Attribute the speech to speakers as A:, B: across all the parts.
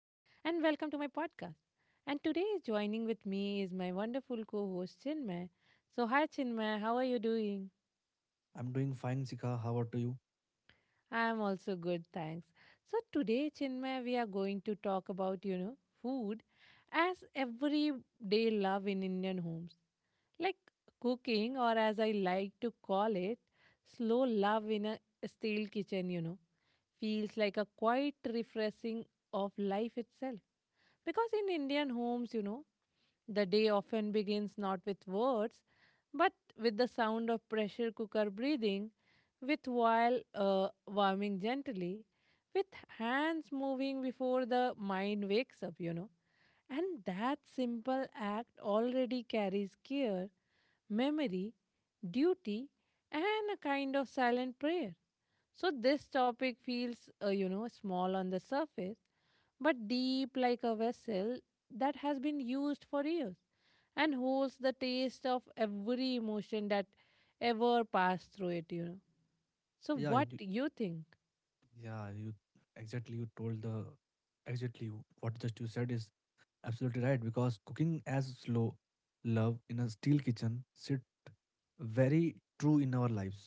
A: and welcome to my podcast. And today, joining with me is my wonderful co host Chinmay. So, hi Chinmay, how are you doing?
B: I'm doing fine, Sika. How about you?
A: I am also good, thanks. So, today, Chinmay, we are going to talk about, food as everyday love in Indian homes. Like cooking, or as I like to call it, slow love in a steel kitchen, feels like a quite refreshing of life itself. Because in Indian homes, the day often begins not with words, but with the sound of pressure cooker breathing, with while warming gently, with hands moving before the mind wakes up. And that simple act already carries care, memory, duty, and a kind of silent prayer. So this topic feels, small on the surface, but deep like a vessel that has been used for years and holds the taste of every emotion that ever passed through it. So
B: Yeah,
A: what
B: you,
A: do you think?
B: yeah, you exactly. You told the exactly you- What just you said is absolutely right, because cooking as slow love in a steel kitchen sit very true in our lives,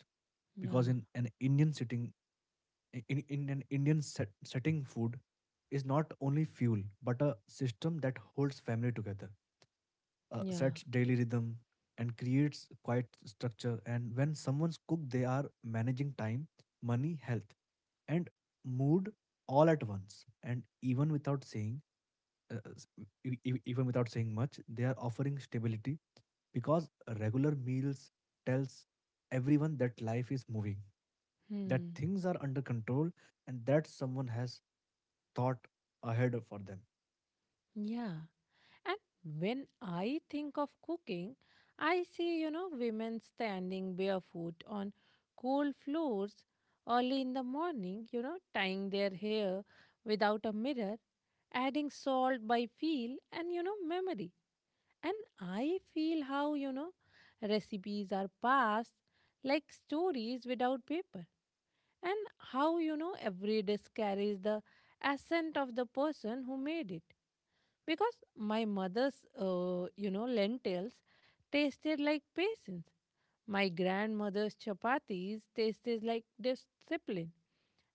B: because
A: Yeah.
B: in an Indian sitting in an Indian set, setting food is not only fuel but a system that holds family together,
A: Yeah.
B: sets daily rhythm, and creates quiet structure. And when someone's cook, they are managing time, money, health, and mood all at once, and even without saying s- e- e- e, even without saying much, they are offering stability, because regular meals tells everyone that life is moving, that
A: Hmm.
B: things are under control, and that someone has thought ahead for them.
A: Yeah. And when I think of cooking, I see, women standing barefoot on cold floors early in the morning, tying their hair without a mirror, adding salt by feel and memory. And I feel how, recipes are passed like stories without paper. And how, every dish carries the accent of the person who made it because my mother's lentils tasted like patience. My grandmother's chapatis tasted like discipline.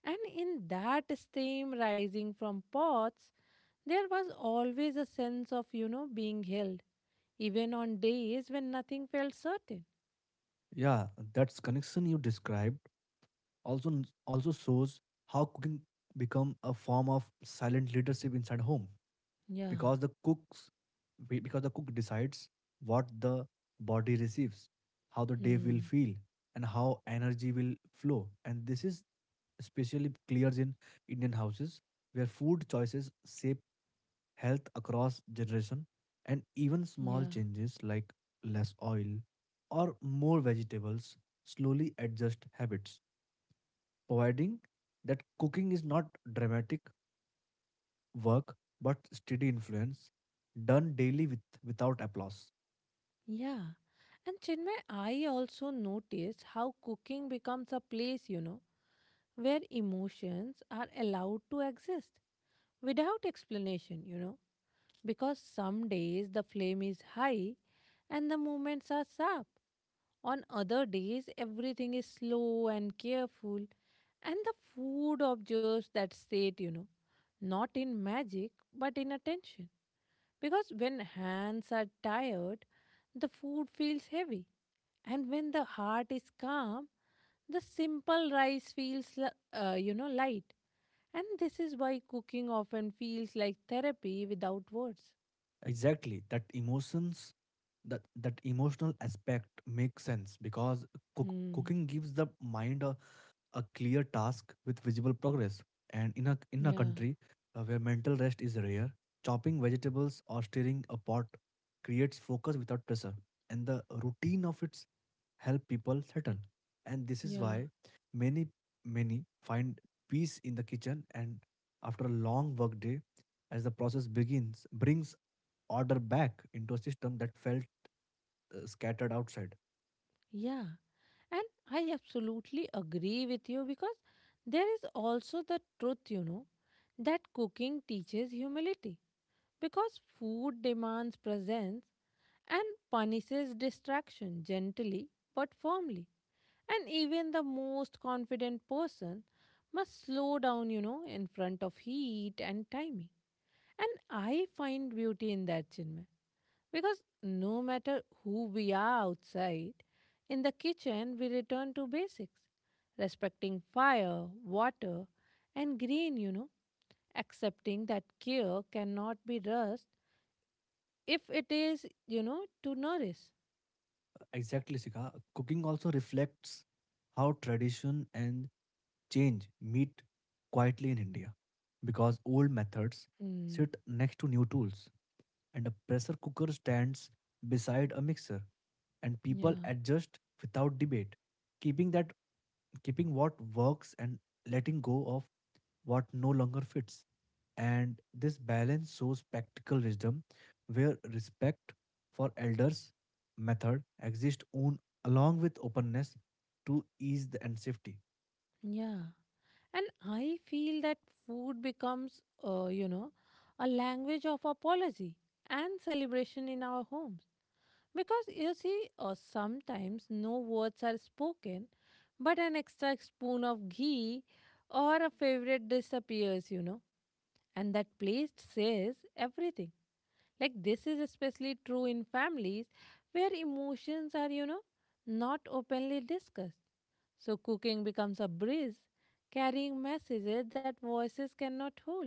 A: And in that steam rising from pots, there was always a sense of being held, even on days when nothing felt certain.
B: Yeah, that's connection you described also n- also shows how cooking become a form of silent leadership inside home,
A: Yeah.
B: because the cooks because the cook decides what the body receives, how the day will
A: Hmm.
B: feel, and how energy will flow. And this is especially clear in Indian houses, where food choices shape health across generation, and even small
A: Yeah.
B: changes like less oil or more vegetables slowly adjust habits, providing that cooking is not dramatic work but steady influence done daily with without applause.
A: Yeah. And Chinmay, I also notice how cooking becomes a place, where emotions are allowed to exist without explanation, because some days the flame is high and the movements are sharp. On other days, everything is slow and careful, and the food observes that state, not in magic but in attention. Because when hands are tired, the food feels heavy. And when the heart is calm, the simple rice feels light. And this is why cooking often feels like therapy without words.
B: Exactly, that emotions that that emotional aspect makes sense, because cook,
A: Hmm.
B: cooking gives the mind a clear task with visible progress. And in a
A: Yeah.
B: country where mental rest is rare, chopping vegetables or stirring a pot creates focus without pressure, and the routine of its help people settle. And this is
A: Yeah.
B: why many many find peace in the kitchen, and after a long work day, as the process begins, brings order back into a system that felt scattered outside.
A: Yeah. And I absolutely agree with you because there is also the truth, that cooking teaches humility. Because food demands presence and punishes distraction gently but firmly. And even the most confident person must slow down, in front of heat and timing. And I find beauty in that, Chinmay. Because no matter who we are outside, in the kitchen we return to basics, respecting fire, water, and green, accepting that care cannot be rushed if it is, to nourish.
B: Exactly, Sika. Cooking also reflects how tradition and change meet quietly in India, because old methods
A: Mm,
B: sit next to new tools, and a pressure cooker stands beside a mixer, and people
A: yeah,
B: adjust without debate, keeping that keeping what works and letting go of what no longer fits. And this balance shows practical wisdom where respect for elders' method exists on, along with openness to ease the, and safety.
A: yeah. And I feel that food becomes, a language of apology and celebration in our homes. Because you see, sometimes no words are spoken, but an extra spoon of ghee or a favorite disappears, and that place says everything. Like this is especially true in families where emotions are not openly discussed. So cooking becomes a breeze, carrying messages that voices cannot hold.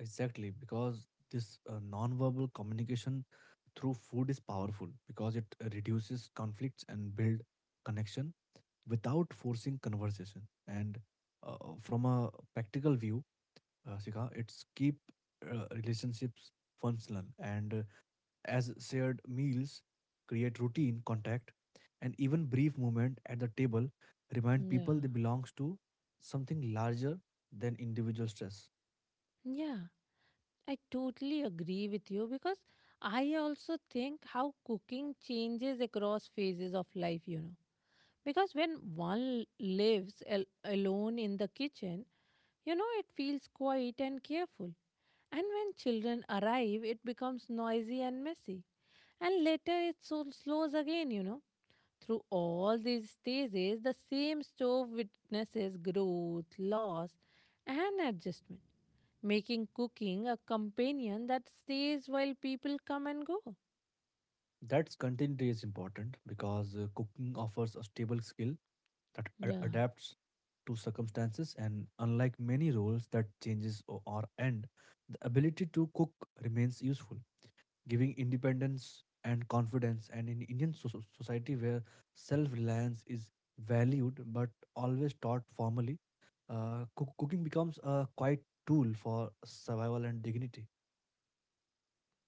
B: Exactly, because this non-verbal communication through food is powerful, because it reduces conflicts and build connection without forcing conversation. And from a practical view, Sika, it's keep relationships functional, and as shared meals create routine contact, and even brief moment at the table remind
A: Yeah.
B: people they belongs to something larger than individual stress.
A: Yeah, I totally agree with you because I also think how cooking changes across phases of life. Because when one lives alone in the kitchen, you know, it feels quiet and careful. And when children arrive, it becomes noisy and messy. And later it so slows again. Through all these stages, the same stove witnesses growth, loss, and adjustment, making cooking a companion that stays while people come and go.
B: That's continuity is important, because cooking offers a stable skill that
A: Yeah.
B: adapts to circumstances, and unlike many roles that changes or end, the ability to cook remains useful, giving independence and confidence. And in Indian society, where self reliance is valued but always taught formally, cooking becomes a quiet tool for survival and dignity.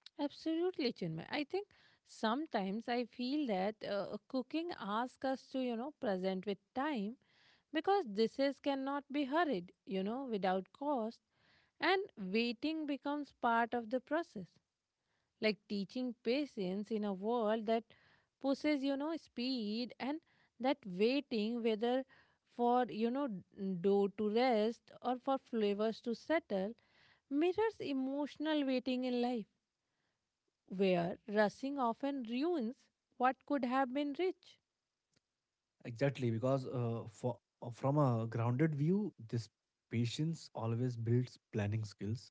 A: Absolutely, Chinmay. I think sometimes I feel that cooking asks us to, you know, present with time because dishes cannot be hurried, you know, without cost, and waiting becomes part of the process. Like teaching patience in a world that pushes, you know, speed and that waiting, whether for, you know, dough to rest or for flavors to settle, mirrors emotional waiting in life where rushing often ruins what could have been rich.
B: Exactly, because for from a grounded view, this patience always builds planning skills,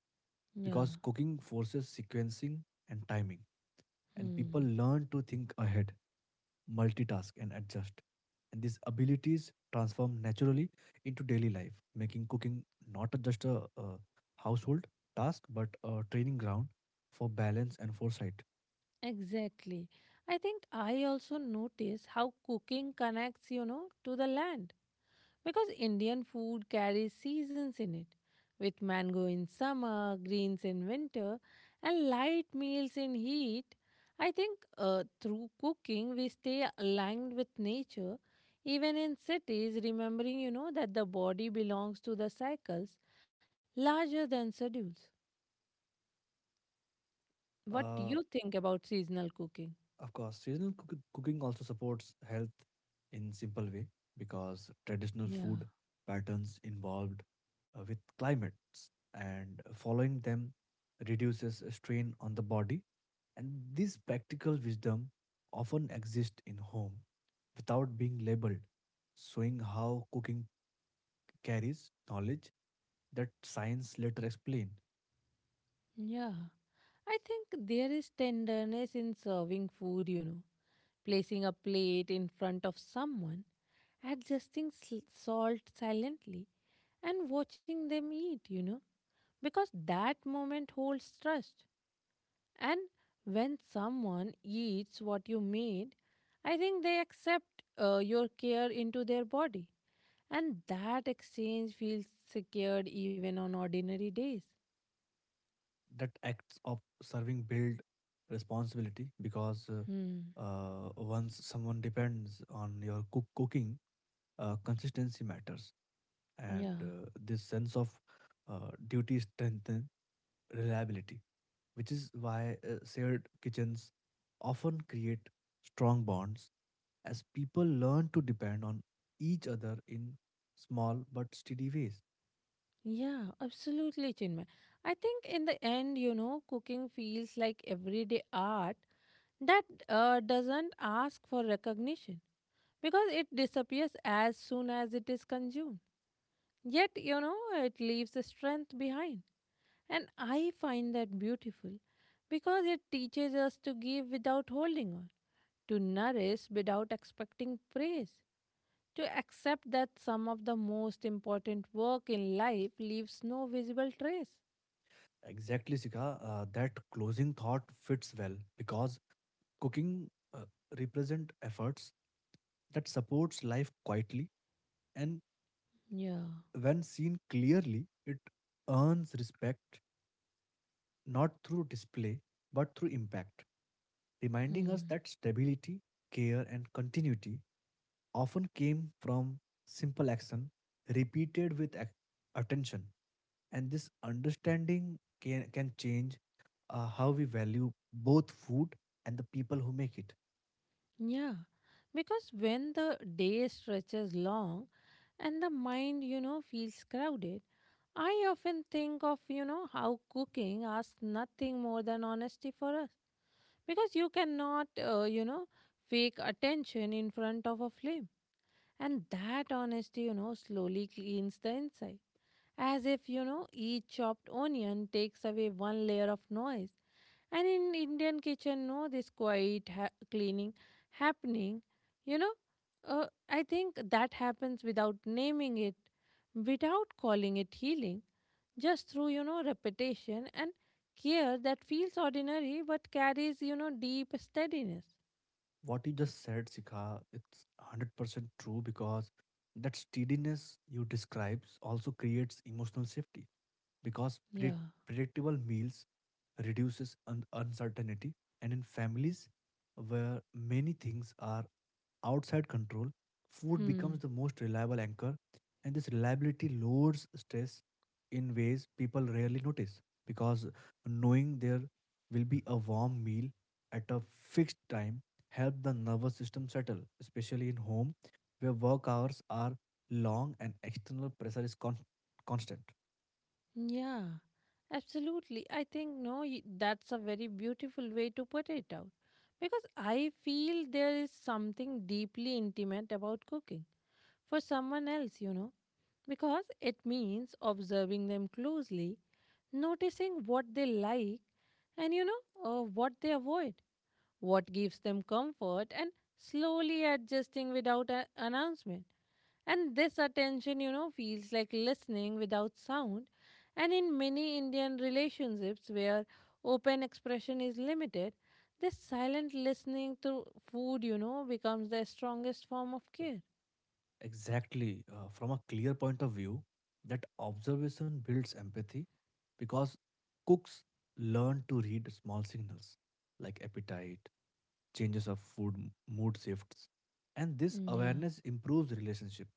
A: Yeah.
B: because cooking forces sequencing and timing, and people
A: Hmm.
B: learn to think ahead, multitask, and adjust. And these abilities transform naturally into daily life, making cooking not just a household task but a training ground for balance and foresight.
A: Exactly. I think I also notice how cooking connects, you know, to the land. Because Indian food carries seasons in it, with mango in summer, greens in winter, and light meals in heat. I think through cooking we stay aligned with nature, even in cities, remembering, you know, that the body belongs to the cycles larger than schedules. What do
B: Uh,
A: you think about seasonal cooking?
B: Of course, seasonal cooking also supports health in simple way, because traditional
A: Yeah,
B: food patterns involved with climates, and following them reduces strain on the body, and this practical wisdom often exists in home without being labeled, showing how cooking carries knowledge that science later explain.
A: yeah. I think there is tenderness in serving food, you know placing a plate in front of someone, adjusting salt silently, and watching them eat, you know, because that moment holds trust. And when someone eats what you made, I think they accept your care into their body. And that exchange feels secured even on ordinary days.
B: That acts of serving build responsibility, because
A: Hmm.
B: once someone depends on your cooking, consistency matters, and
A: Yeah.
B: uh, this sense of duty strengthens reliability, which is why shared kitchens often create strong bonds, as people learn to depend on each other in small but steady ways.
A: Yeah, absolutely, Chinmay. I think in the end, you know, cooking feels like everyday art that doesn't ask for recognition because it disappears as soon as it is consumed. Yet, you know, it leaves a strength behind. And I find that beautiful because it teaches us to give without holding on, to nourish without expecting praise, to accept that some of the most important work in life leaves no visible trace.
B: Exactly, Sika. That closing thought fits well, because cooking uh, represent efforts that supports life quietly, and
A: Yeah.
B: when seen clearly, it earns respect not through display but through impact, reminding us
A: Hmm.
B: that stability, care, and continuity often came from simple action repeated with attention. And this understanding can change how we value both food and the people who make it.
A: Yeah. Because when the day stretches long and the mind, you know, feels crowded, I often think of, you know, how cooking asks nothing more than honesty for us. Because you cannot, fake attention in front of a flame. And that honesty, you know, slowly cleans the inside, as if you know each chopped onion takes away one layer of noise. And in Indian kitchen no this quiet cleaning happening, you know, I think that happens without naming it, without calling it healing, just through you know repetition and care that feels ordinary but carries you know deep steadiness.
B: What you just said, Sikha, it's 100% true, because that steadiness you describes also creates emotional safety, because
A: Yeah.
B: predictable meals reduces uncertainty, and in families where many things are outside control, food becomes
A: Hmm.
B: the most reliable anchor, and this reliability lowers stress in ways people rarely notice, because knowing there will be a warm meal at a fixed time helps the nervous system settle, especially in home where work hours are long and external pressure is constant.
A: Yeah, absolutely. I think no, that's a very beautiful way to put it out. Because I feel there is something deeply intimate about cooking for someone else, you know, because it means observing them closely, noticing what they like, and you know, what they avoid, what gives them comfort, and slowly adjusting without an announcement. And this attention, you know, feels like listening without sound. And in many Indian relationships where open expression is limited, this silent listening through food, you know, becomes the strongest form of care.
B: Exactly. From a clear point of view, that observation builds empathy, because cooks learn to read small signals like appetite, changes of food, mood shifts, and this
A: Yeah,
B: awareness improves relationship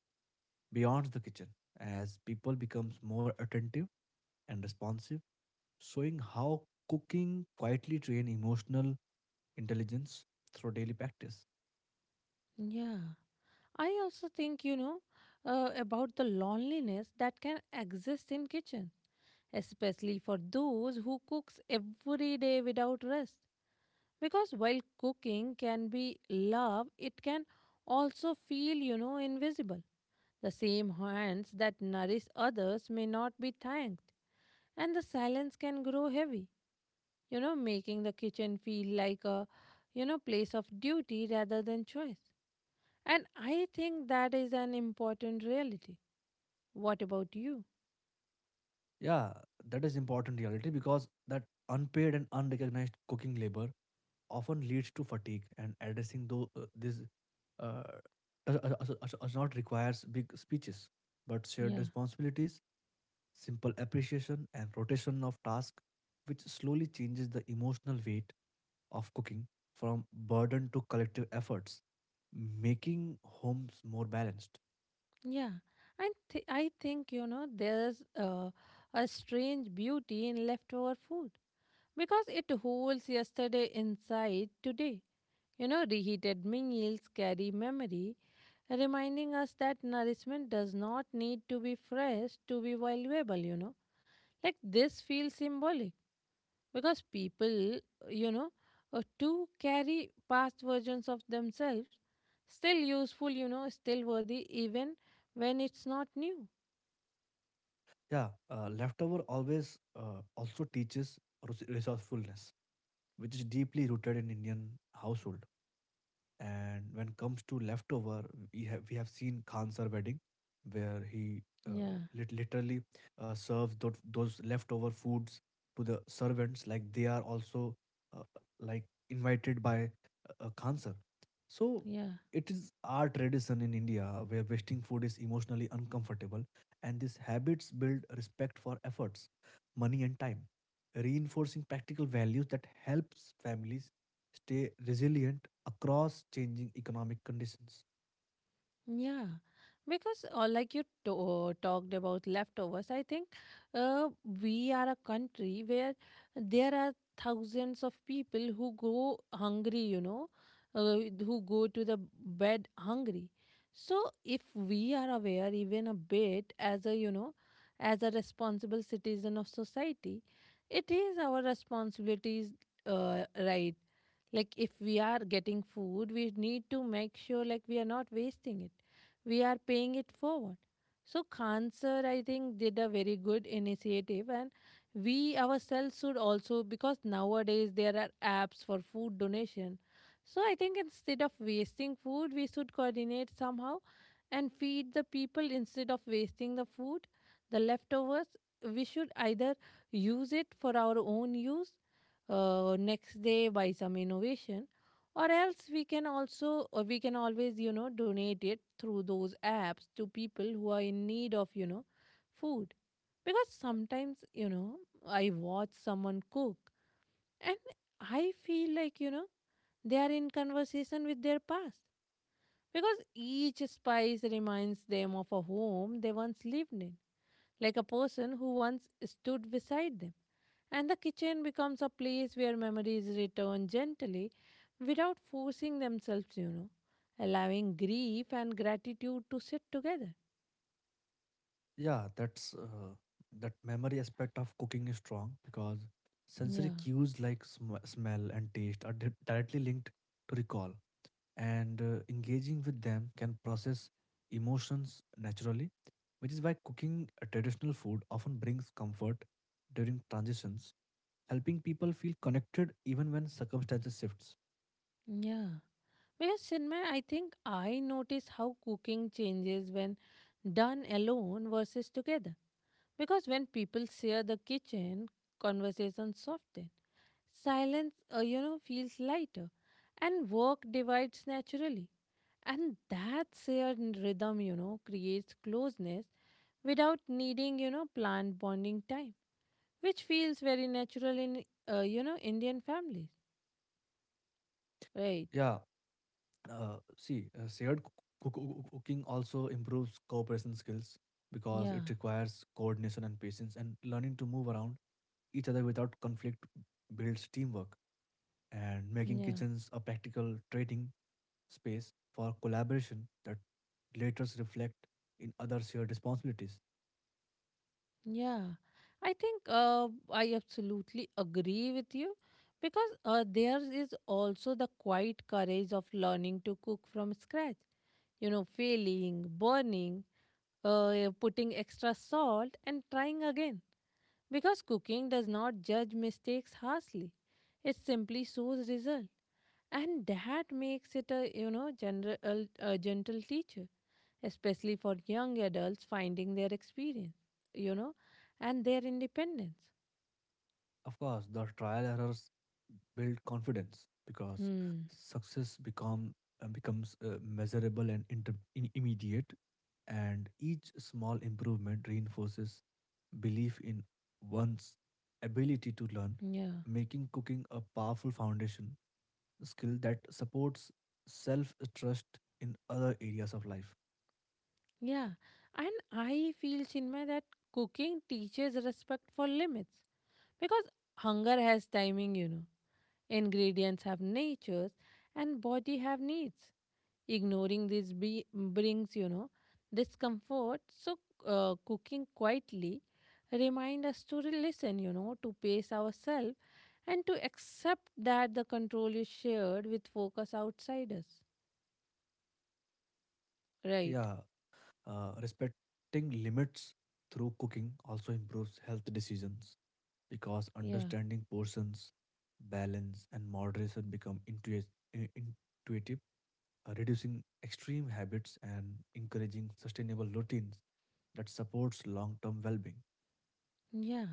B: beyond the kitchen as people becomes more attentive and responsive, showing how cooking quietly train emotional intelligence through daily practice.
A: yeah. I also think, you know, about the loneliness that can exist in kitchen, especially for those who cooks every day without rest. Because while cooking can be love, it can also feel you know invisible. The same hands that nourish others may not be thanked, and the silence can grow heavy, you know, making the kitchen feel like a you know place of duty rather than choice. And I think that is an important reality. What about you?
B: Yeah, that is important reality, because that unpaid and unrecognized cooking labor often leads to fatigue, and addressing though this, uh, does not requires big speeches but shared
A: Yeah.
B: responsibilities, simple appreciation, and rotation of tasks, which slowly changes the emotional weight of cooking from burden to collective efforts, making homes more balanced.
A: Yeah, and I think you know there's a strange beauty in leftover food because it holds yesterday inside today. You know, reheated meals carry memory, reminding us that nourishment does not need to be fresh to be valuable, you know. Like this feels symbolic because people, you know, to carry past versions of themselves, still useful, you know, still worthy, even when it's not new.
B: Yeah, leftover always also teaches resourcefulness, which is deeply rooted in Indian household. And when comes to leftover, we have seen Khan's wedding, where he
A: Yeah,
B: literally serves those leftover foods to the servants, like they are also uh, like invited by Khan's. So
A: yeah.
B: it is our tradition in India, where wasting food is emotionally uncomfortable, and these habits build respect for efforts, money, and time, reinforcing practical values that helps families stay resilient across changing economic conditions.
A: Yeah, because like talked about leftovers, I think uh, we are a country where there are thousands of people who go hungry, you know, uh, who go to the bed hungry. So if we are aware even a bit as a, you know, as a responsible citizen of society, it is our responsibilities, right, like if we are getting food we need to make sure like we are not wasting it, we are paying it forward. So cancer, I think did a very good initiative, and we ourselves should also, because nowadays there are apps for food donation. So I think instead of wasting food we should coordinate somehow and feed the people instead of wasting the food. The leftovers, we should either use it for our own use, next day by some innovation, or else we can also or we can always you know donate it through those apps to people who are in need of you know food. Because sometimes you know I watch someone cook, and I feel like you know they are in conversation with their past, because each spice reminds them of a home they once lived in, like a person who once stood beside them. And the kitchen becomes a place where memories return gently without forcing themselves, you know, allowing grief and gratitude to sit together.
B: Yeah, that memory aspect of cooking is strong, because sensory
A: Yeah,
B: cues like smell and taste are directly linked to recall, and engaging with them can process emotions naturally, which is why cooking a traditional food often brings comfort during transitions, helping people feel connected even when circumstances shifts.
A: yeah. Because, Chinmay, I think I notice how cooking changes when done alone versus together. Because when people share the kitchen, conversations soften. Silence, feels lighter and work divides naturally. And that shared rhythm, you know, creates closeness without needing, planned bonding time, which feels very natural in, Indian families. Right.
B: Yeah, see, shared cooking also improves cooperation skills, because
A: Yeah.
B: it requires coordination and patience, and learning to move around each other without conflict builds teamwork, and making
A: Yeah.
B: kitchens a practical trading space for collaboration that later reflect in other shared responsibilities.
A: Yeah. I think I absolutely agree with you because there is also the quiet courage of learning to cook from scratch, you know, failing, burning, putting extra salt, and trying again. Because cooking does not judge mistakes harshly. It simply shows result. And that makes it a you know general a gentle teacher, especially for young adults finding their experience, you know, and their independence.
B: Of course, the trial errors build confidence, because
A: Hmm.
B: success becomes measurable and immediate, and each small improvement reinforces belief in one's ability to learn,
A: Yeah.
B: making cooking a powerful foundation skill that supports self trust in other areas of life.
A: Yeah. And I feel, Chinmay, that cooking teaches respect for limits. Because hunger has timing. Ingredients have natures and body have needs. Ignoring this brings, you know, discomfort. So, cooking quietly remind us to listen, you know, to pace ourselves and to accept that the control is shared with focus outside us. Right.
B: Yeah, respecting limits through cooking also improves health decisions, because
A: Yeah.
B: understanding portions, balance, and moderation become intuitive, reducing extreme habits and encouraging sustainable routines that supports long-term well-being.
A: Yeah.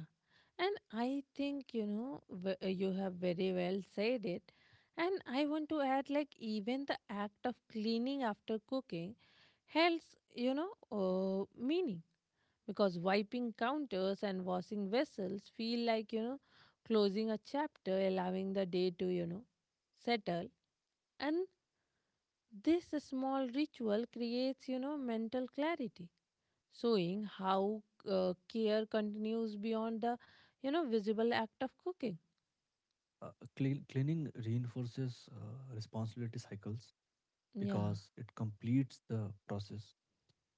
A: And I think, you know, you have very well said it. And I want to add, like, even the act of cleaning after cooking has, meaning because wiping counters and washing vessels feel like, closing a chapter, allowing the day to, settle, and this small ritual creates, mental clarity, showing how care continues beyond the, visible act of cooking.
B: Uh, Cleaning reinforces responsibility cycles,
A: Yeah.
B: because it completes the process,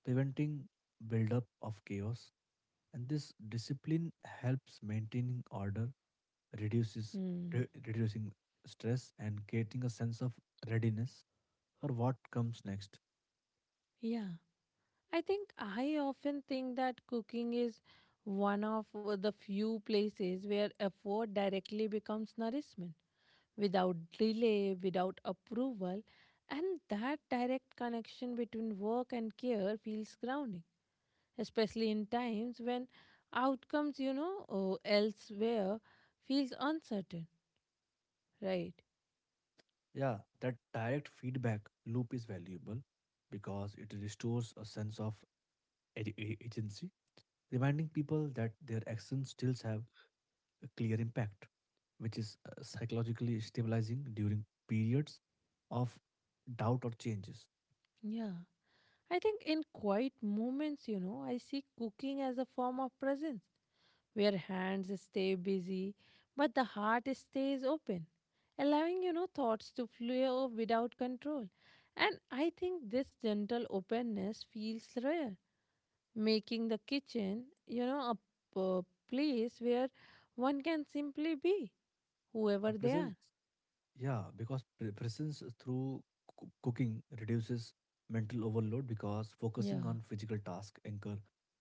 B: preventing buildup of chaos. And this discipline helps maintaining order, reduces
A: Hmm.
B: reducing stress, and creating a sense of readiness for what comes next.
A: Yeah. I think I often think that cooking is one of the few places where effort directly becomes nourishment without delay, without approval, and that direct connection between work and care feels grounding, especially in times when outcomes, you know, or elsewhere feels uncertain, right?
B: Yeah, that direct feedback loop is valuable, because it restores a sense of agency, reminding people that their actions still have a clear impact, which is psychologically stabilizing during periods of doubt or changes.
A: Yeah. I think in quiet moments, you know, I see cooking as a form of presence where hands stay busy but the heart stays open, allowing, thoughts to flow without control. And I think this gentle openness feels rare, making the kitchen, you know, a place where one can simply be
B: A
A: whoever they are.
B: presence, yeah, because presence through cooking reduces mental overload, because
A: Yeah.
B: focusing on physical task anchor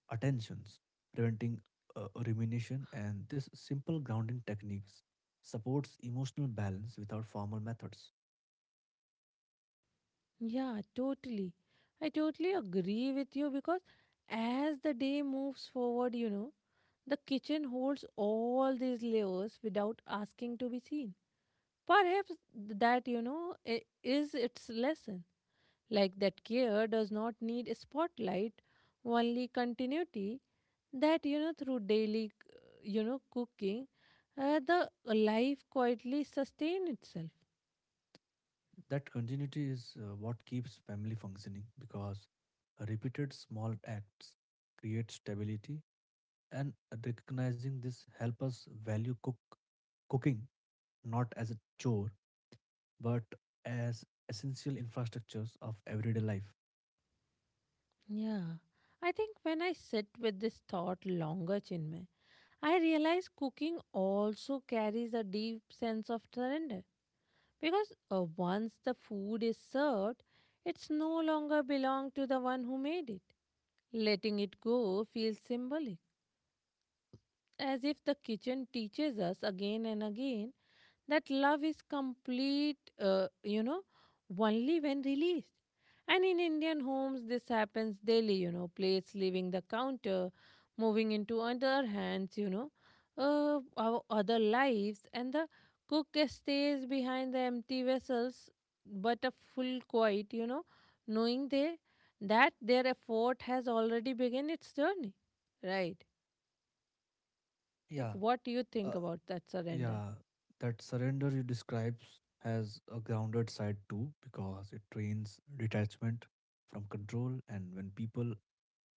B: attentions, preventing rumination, and this simple grounding techniques supports emotional balance without formal methods.
A: Yeah, totally. I totally agree with you because as the day moves forward, you know, the kitchen holds all these layers without asking to be seen. Perhaps that, is its lesson. Like, that care does not need a spotlight, only continuity. That, you know, through daily, cooking, the life quietly sustain itself.
B: That continuity is what keeps family functioning, because repeated small acts create stability, and recognizing this help us value cooking not as a chore but as essential infrastructures of everyday life.
A: Yeah. I think when I sit with this thought longer, Chinmay, I realize cooking also carries a deep sense of surrender. Because once the food is served, it's no longer belong to the one who made it. Letting it go feels symbolic, as if the kitchen teaches us again and again that love is complete, only when released. And in Indian homes, this happens daily, you know, plates leaving the counter, moving into other hands, our other lives, and the cook stays behind the empty vessels, but a full quiet, you know, knowing they that their effort has already begun its journey, right?
B: Yeah,
A: Like, what do you think
B: uh,
A: about that surrender?
B: yeah, that surrender you describes has a grounded side too, because it trains detachment from control, and when people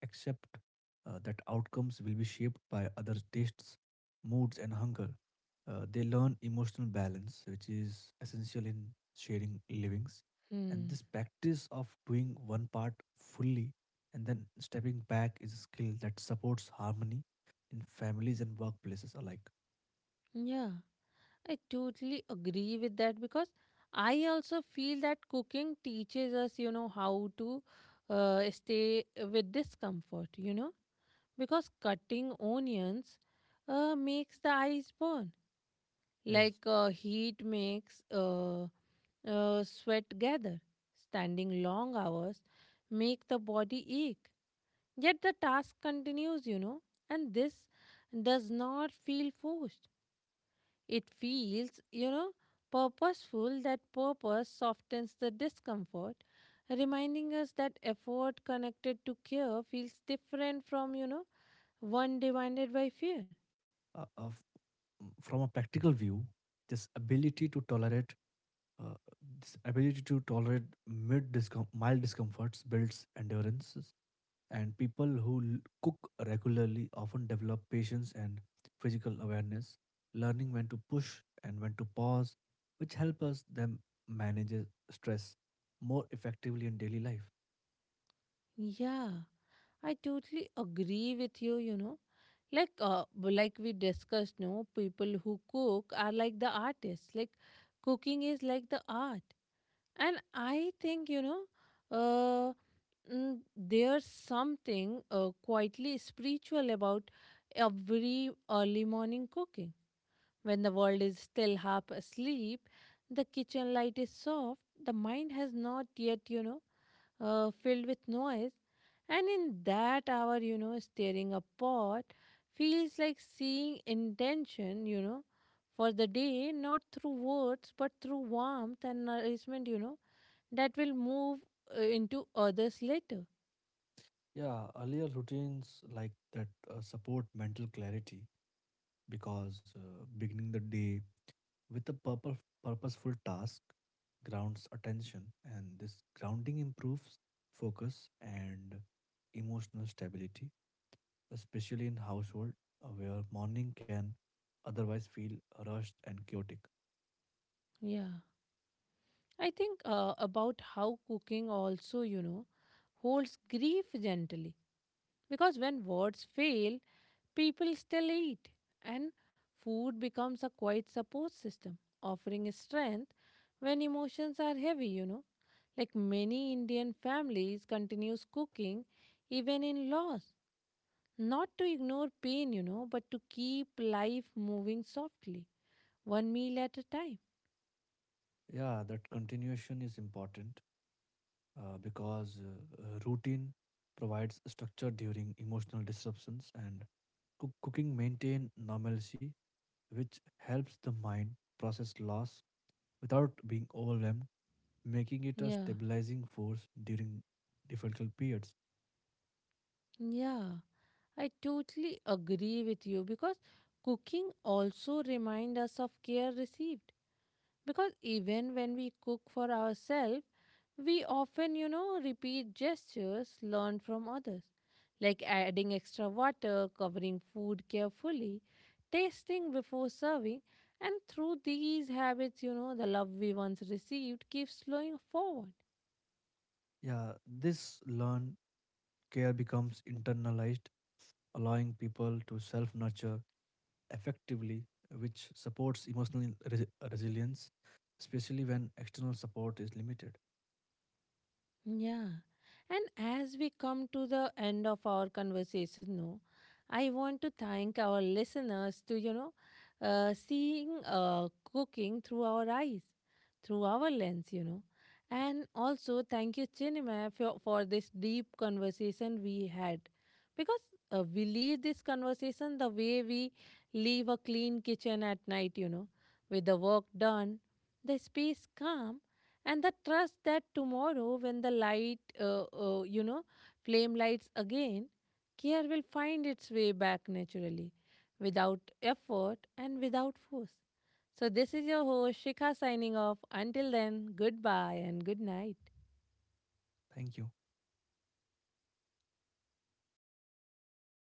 B: accept that outcomes will be shaped by other tastes, moods, and hunger. They learn emotional balance, which is essential in sharing livings. And
A: Hmm.
B: this practice of doing one part fully and then stepping back is a skill that supports harmony in families and workplaces alike.
A: Yeah, I totally agree with that because I also feel that cooking teaches us, you know, how to stay with discomfort, you know, because cutting onions makes the eyes burn,
B: Yes.
A: like, heat makes, sweat gather. Standing long hours make the body ache. Yet the task continues, you know, and this does not feel forced. It feels, you know, purposeful. That purpose softens the discomfort, reminding us that effort connected to care feels different from, you know, one divided by fear.
B: Uh, of, from a practical view, this ability to tolerate uh, this ability to tolerate mild discomforts builds endurance, and people who cook regularly often develop patience and physical awareness, learning when to push and when to pause, which help us them manage stress more effectively in daily life.
A: Yeah, I totally agree with you, you know. Like, like we discussed, no, people who cook are like the artists. Like, cooking is like the art. And I think, uh, there's something quietly spiritual about every early morning cooking. When the world is still half asleep, the kitchen light is soft, the mind has not yet, filled with noise. And in that hour, you know, stirring a pot feels like seeing intention, you know, for the day, not through words, but through warmth and nourishment, that will move into others later.
B: Yeah, earlier routines like that support mental clarity, because beginning the day with a purposeful task grounds attention, and this grounding improves focus and emotional stability, especially in household where morning can otherwise feel rushed and chaotic.
A: Yeah. I think about how cooking also, you know, holds grief gently. Because when words fail, people still eat, and food becomes a quiet support system, offering strength when emotions are heavy, you know. Like, many Indian families continues cooking even in loss, not to ignore pain, you know, but to keep life moving softly, one meal at a time.
B: Yeah, that continuation is important, because routine provides structure during emotional disruptions, and cooking maintain normalcy, which helps the mind process loss without being overwhelmed, making it a
A: Yeah,
B: stabilizing force during difficult periods.
A: yeah. I totally agree with you because cooking also reminds us of care received. Because even when we cook for ourselves, we often, you know, repeat gestures learned from others, like adding extra water, covering food carefully, tasting before serving. And through these habits, you know, the love we once received keeps flowing forward.
B: Yeah, this learned care becomes internalized, allowing people to self nurture effectively, which supports emotional resilience, especially when external support is limited.
A: Yeah. And as we come to the end of our conversation, no, I want to thank our listeners to, seeing cooking through our eyes, through our lens, you know. And also thank you, Chinima, for this deep conversation we had. Because we leave this conversation the way we leave a clean kitchen at night, you know, with the work done, the space calm, and the trust that tomorrow, when the light you know flame lights again, care will find its way back naturally, without effort and without force. So this is your host, Shikha, signing off. Until then, goodbye and good night.
B: Thank you.